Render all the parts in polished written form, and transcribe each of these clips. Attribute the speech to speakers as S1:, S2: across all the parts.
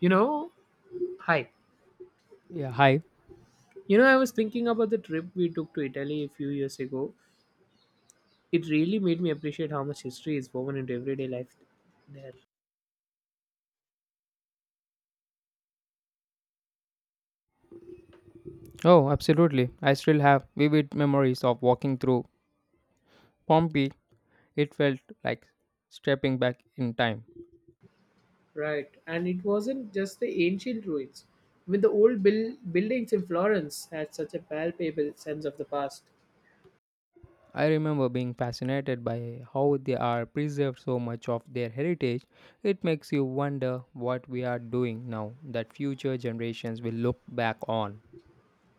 S1: You know, right.
S2: Yeah, hi.
S1: You know, I was thinking about the trip we took to Italy a few years ago. It really made me appreciate how much history is woven into everyday life there.
S2: Oh, absolutely. I still have vivid memories of walking through Pompeii. It felt like stepping back in time.
S1: Right, and it wasn't just the ancient ruins. I mean, the old buildings in Florence had such a palpable sense of the past.
S2: I remember being fascinated by how they are preserved so much of their heritage. It makes you wonder what we are doing now that future generations will look back on.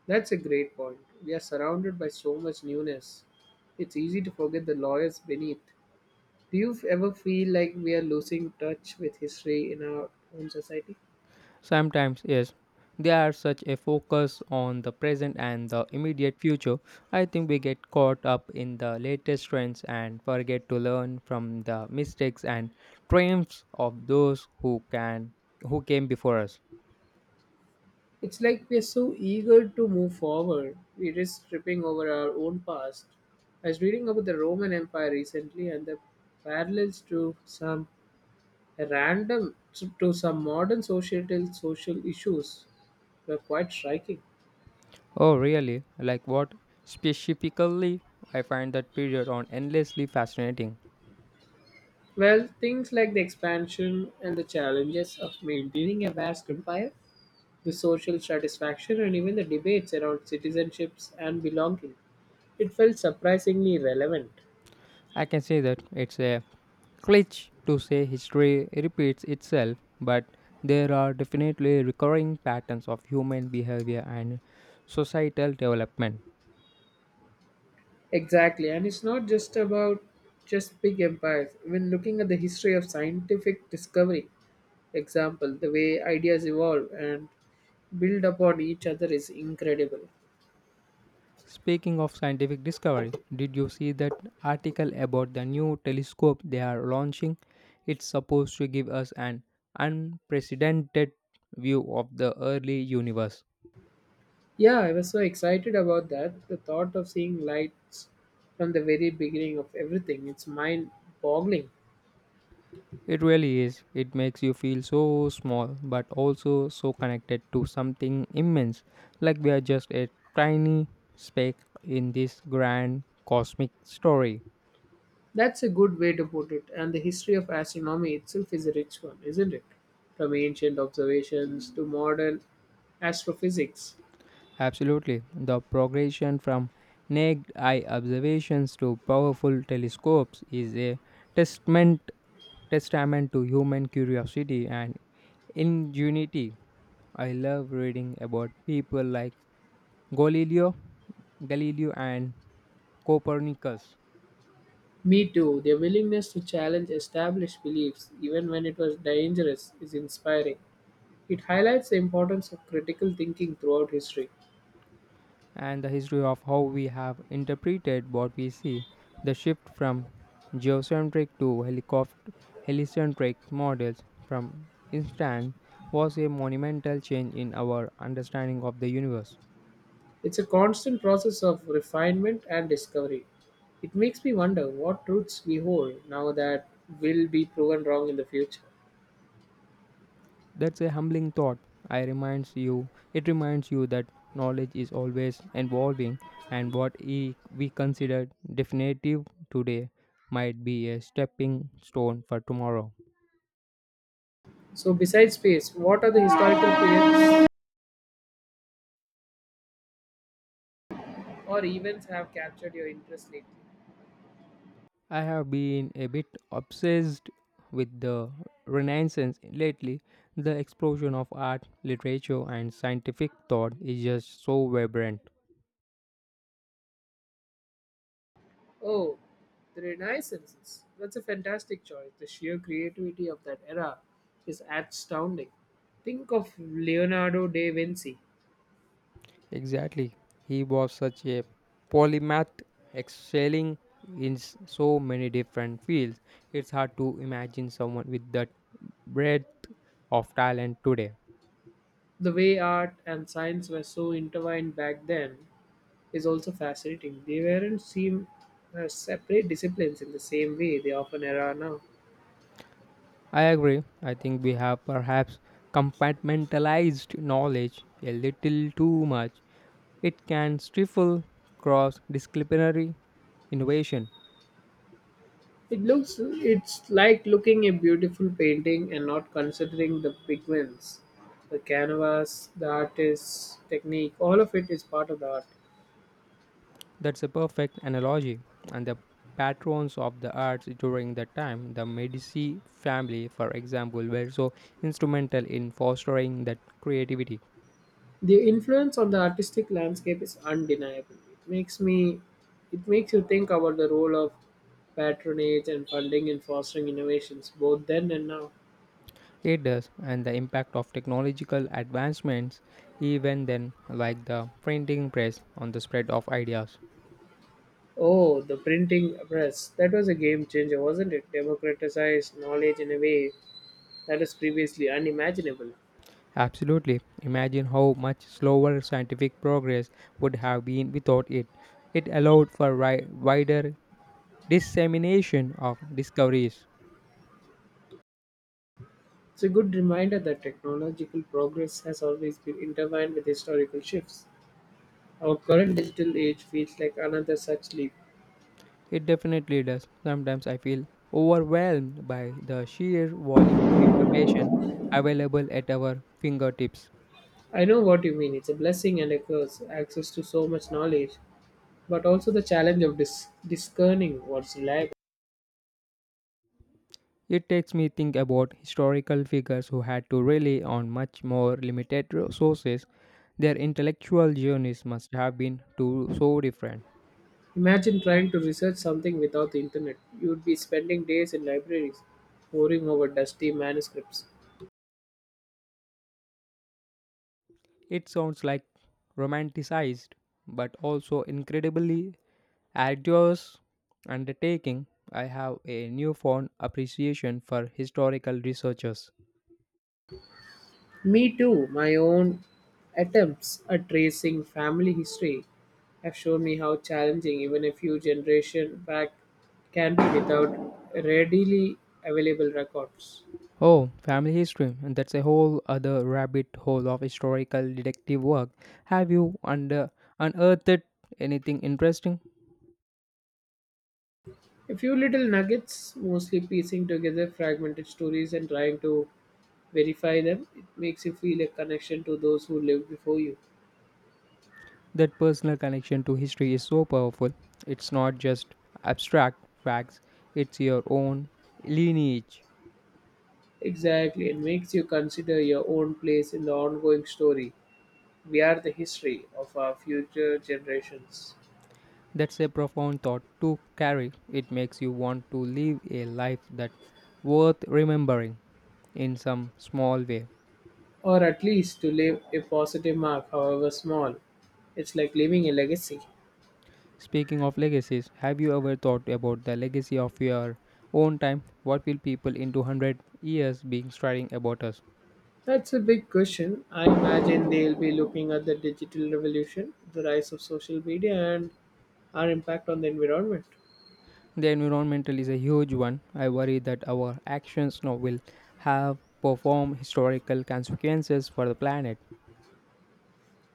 S1: That's a great point. We are surrounded by so much newness. It's easy to forget the lawyers beneath. Do you ever feel like we are losing touch with history in our own society?
S2: Sometimes, yes, they are such a focus on the present and the immediate future. I think we get caught up in the latest trends and forget to learn from the mistakes and triumphs of those who came before us.
S1: It's like we're so eager to move forward, we risk tripping over our own past. I was reading about the Roman Empire recently and the parallels to some random to some modern societal social issues were quite striking.
S2: Oh, really? Like what? Specifically, I find that period on endlessly fascinating.
S1: Well, things like the expansion and the challenges of maintaining a vast empire, the social satisfaction, and even the debates around citizenships and belonging. It felt surprisingly relevant.
S2: I can say that it's a cliché to say history repeats itself, but there are definitely recurring patterns of human behavior and societal development.
S1: Exactly, and it's not just about just big empires. When looking at the history of scientific discovery, example, the way ideas evolve and build upon each other is incredible.
S2: Speaking of scientific discovery, did you see that article about the new telescope they are launching? It's supposed to give us an unprecedented view of the early universe.
S1: Yeah, I was so excited about that. The thought of seeing lights from the very beginning of everything, it's mind boggling.
S2: It really is. It makes you feel so small, but also so connected to something immense, like we are just a tiny speck in this grand cosmic story.
S1: That's a good way to put it. And the history of astronomy itself is a rich one, isn't it? From ancient observations to modern astrophysics.
S2: Absolutely. The progression from naked eye observations to powerful telescopes is a testament testament to human curiosity and ingenuity. I love reading about people like Galileo, Galileo and Copernicus,
S1: Me too. Their willingness to challenge established beliefs, even when it was dangerous, is inspiring. It highlights the importance of critical thinking throughout history.
S2: and the history of how we have interpreted what we see, the shift from geocentric to heliocentric models, from instance, was a monumental change in our understanding of the universe.
S1: It's a constant process of refinement and discovery. It makes me wonder what truths we hold now that will be proven wrong in the future.
S2: That's a humbling thought. I reminds you it reminds you that knowledge is always evolving and we consider definitive today might be a stepping stone for tomorrow.
S1: So, besides space, what other historical periods or events have captured your interest lately?
S2: I have been a bit obsessed with the Renaissance lately. The explosion of art, literature and scientific thought is just so vibrant.
S1: Oh, the Renaissance. That's a fantastic choice. The sheer creativity of that era is astounding. Think of Leonardo da Vinci.
S2: Exactly. He was such a polymath, excelling in so many different fields. It's hard to imagine someone with that breadth of talent today.
S1: The way art and science were so intertwined back then is also fascinating. They weren't seen as separate disciplines in the same way they often are now.
S2: I agree. I think we have perhaps compartmentalized knowledge a little too much. It can stifle cross disciplinary innovation.
S1: It's like looking a beautiful painting and not considering the pigments, the canvas, the artist's technique, all of it is part of the art.
S2: That's a perfect analogy. And the patrons of the arts during that time, the Medici family, for example, were so instrumental in fostering that creativity.
S1: The influence on the artistic landscape is undeniable. It makes you think about the role of patronage and funding in fostering innovations both then and now.
S2: It does, and the impact of technological advancements, even then, like the printing press, on the spread of ideas.
S1: Oh, the printing press. That was a game changer, wasn't it? Democratized knowledge in a way that is previously unimaginable.
S2: Absolutely. Imagine how much slower scientific progress would have been without it. It allowed for wider dissemination of discoveries.
S1: It's a good reminder that technological progress has always been intertwined with historical shifts. Our current digital age feels like another such leap.
S2: It definitely does. Sometimes I feel overwhelmed by the sheer volume of information available at our fingertips.
S1: I know what you mean. It's a blessing and a curse, access to so much knowledge, but also the challenge of discerning what's reliable.
S2: It takes me think about historical figures who had to rely on much more limited resources. Their intellectual journeys must have been too so different.
S1: Imagine trying to research something without the internet. You would be spending days in libraries, poring over dusty manuscripts.
S2: It sounds like romanticized, but also incredibly arduous undertaking. I have a newfound appreciation for historical researchers.
S1: Me too. My own attempts at tracing family history have shown me how challenging even a few generations back can be without readily available records.
S2: Oh, family history. And that's a whole other rabbit hole of historical detective work. Have you under unearthed anything interesting?
S1: A few little nuggets, mostly piecing together fragmented stories and trying to verify them. It makes you feel a connection to those who lived before you.
S2: That personal connection to history is so powerful. It's not just abstract facts, it's your own lineage.
S1: Exactly, and makes you consider your own place in the ongoing story. We are the history of our future generations.
S2: That's a profound thought to carry. It makes you want to live a life that's worth remembering in some small way.
S1: Or at least to leave a positive mark, however small. It's like leaving a legacy.
S2: Speaking of legacies, have you ever thought about the legacy of your own time? What will people into 100 years be staring about us?
S1: That's a big question. I imagine they'll be looking at the digital revolution, the rise of social media, and our impact on the environment.
S2: The environmental is a huge one. I worry that our actions now will have perform historical consequences for the planet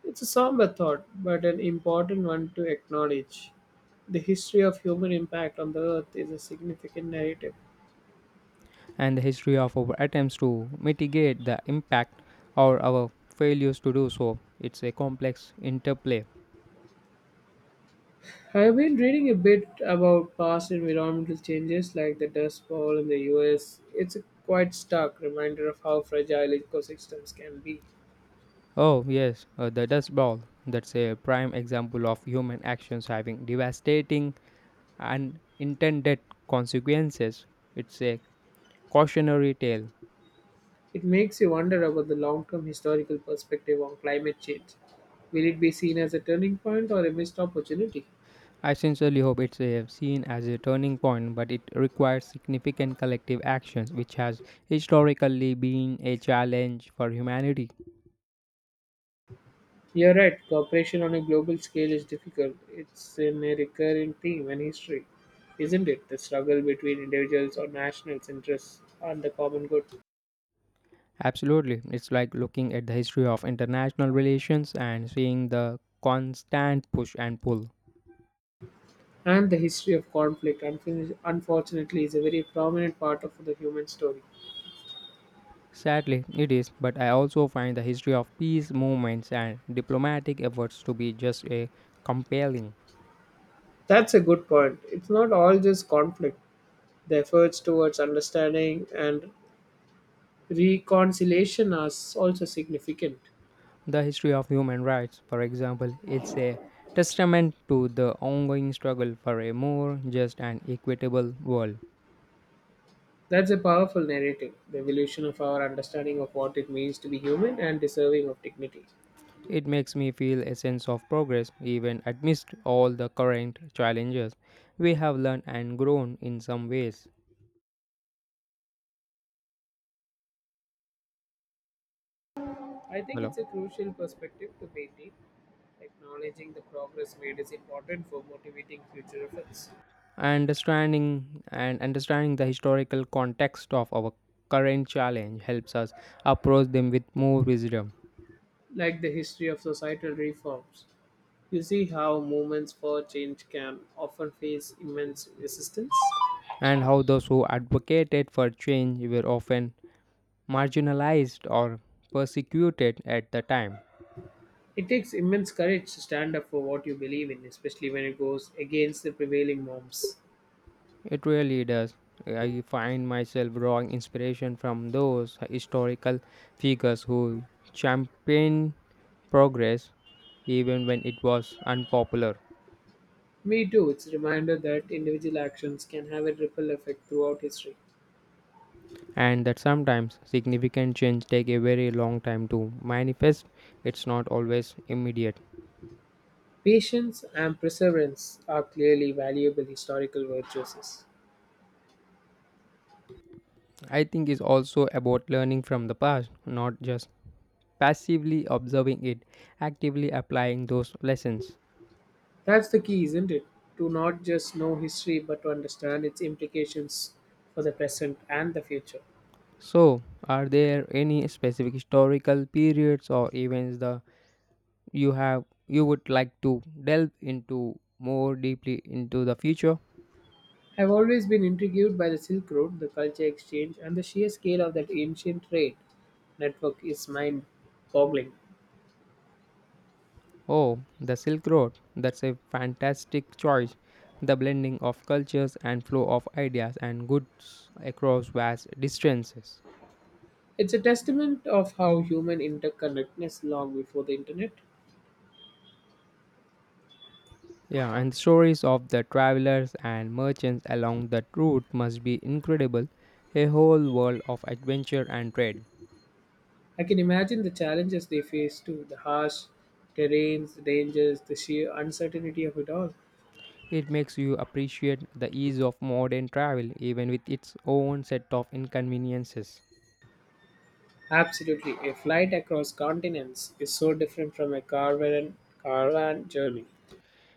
S1: It's a somber thought, but an important one to acknowledge. The history of human impact on the earth is a significant narrative.
S2: and the history of our attempts to mitigate the impact or our failures to do so. It's a complex interplay.
S1: I've been reading a bit about past environmental changes like the Dust Bowl in the US. It's a quite stark reminder of how fragile ecosystems can be.
S2: Oh, yes, the dust bowl. That's a prime example of human actions having devastating unintended consequences. It's a cautionary tale.
S1: It makes you wonder about the long term historical perspective on climate change. Will it be seen as a turning point or a missed opportunity?
S2: I sincerely hope it's seen as a turning point, but it requires significant collective actions, which has historically been a challenge for humanity.
S1: You're right, cooperation on a global scale is difficult. It's in a recurring theme in history, isn't it? The struggle between individuals or nationals' interests and the common good.
S2: Absolutely. It's like looking at the history of international relations and seeing the constant push and pull.
S1: And the history of conflict, unfortunately, is a very prominent part of the human story.
S2: Sadly, it is, but I also find the history of peace movements and diplomatic efforts to be just a compelling.
S1: That's a good point. It's not all just conflict. The efforts towards understanding and reconciliation is also significant.
S2: The history of human rights, for example, is a testament to the ongoing struggle for a more just and equitable world.
S1: That's a powerful narrative, the evolution of our understanding of what it means to be human and deserving of dignity.
S2: It makes me feel a sense of progress even amidst all the current challenges. We have learned and grown in some ways.
S1: I think
S2: Hello.
S1: it's a crucial perspective to maintain. Acknowledging the progress made is important for motivating future efforts.
S2: Understanding the historical context of our current challenge helps us approach them with more wisdom,
S1: Like the history of societal reforms, you see how movements for change can often face immense resistance.
S2: and how those who advocated for change were often marginalized or persecuted at the time.
S1: It takes immense courage to stand up for what you believe in, especially when it goes against the prevailing norms.
S2: It really does. I find myself drawing inspiration from those historical figures who championed progress even when it was unpopular,
S1: Me too. It's a reminder that individual actions can have a ripple effect throughout history.
S2: and that sometimes significant change take a very long time to manifest. It's not always immediate.
S1: Patience and perseverance are clearly valuable historical virtues.
S2: I think it's also about learning from the past, not just passively observing it, actively applying those lessons.
S1: That's the key, isn't it? To not just know history but to understand its implications for the present and the future.
S2: So, are there any specific historical periods or events the you have you would like to delve into more deeply into the future?
S1: I've always been intrigued by the Silk Road, the culture exchange, and the sheer scale of that ancient trade network is mind boggling.
S2: Oh, the Silk Road. That's a fantastic choice. The blending of cultures and flow of ideas and goods across vast distances.
S1: It's a testament of how human interconnectedness long before the internet.
S2: Yeah, and stories of the travelers and merchants along that route must be incredible. A whole world of adventure and trade.
S1: I can imagine the challenges they face too the harsh terrains, the dangers, the sheer uncertainty of it all.
S2: It makes you appreciate the ease of modern travel even with its own set of inconveniences.
S1: Absolutely, a flight across continents is so different from a caravan journey.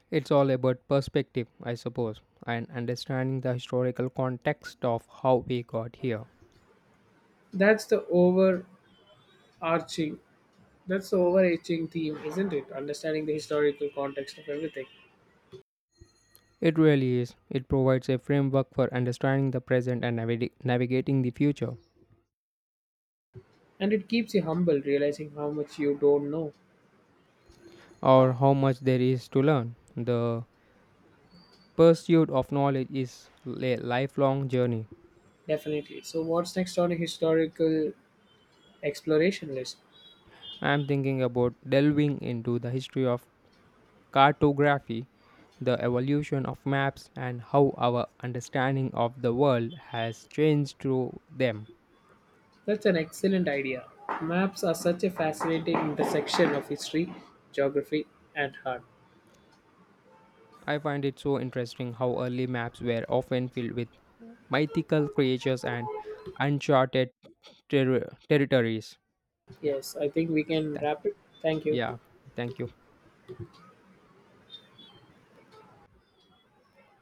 S2: It's all about perspective, I suppose, and understanding the historical context of how we got here.
S1: That's the overarching, that's the overarching theme, isn't it? Understanding the historical context of everything.
S2: It really is. It provides a framework for understanding the present and navigating the future,
S1: And it keeps you humble, realizing how much you don't know.
S2: or how much there is to learn. The pursuit of knowledge is a lifelong journey.
S1: Definitely. So, what's next on a historical exploration list?
S2: I am thinking about delving into the history of cartography, the evolution of maps, and how our understanding of the world has changed through them.
S1: That's an excellent idea. Maps are such a fascinating intersection of history, geography, and art.
S2: I find it so interesting how early maps were often filled with mythical creatures and uncharted territories. Yeah,
S1: Yes, I think we can
S2: thank-
S1: wrap it. Thank you.
S2: yeah, thank you.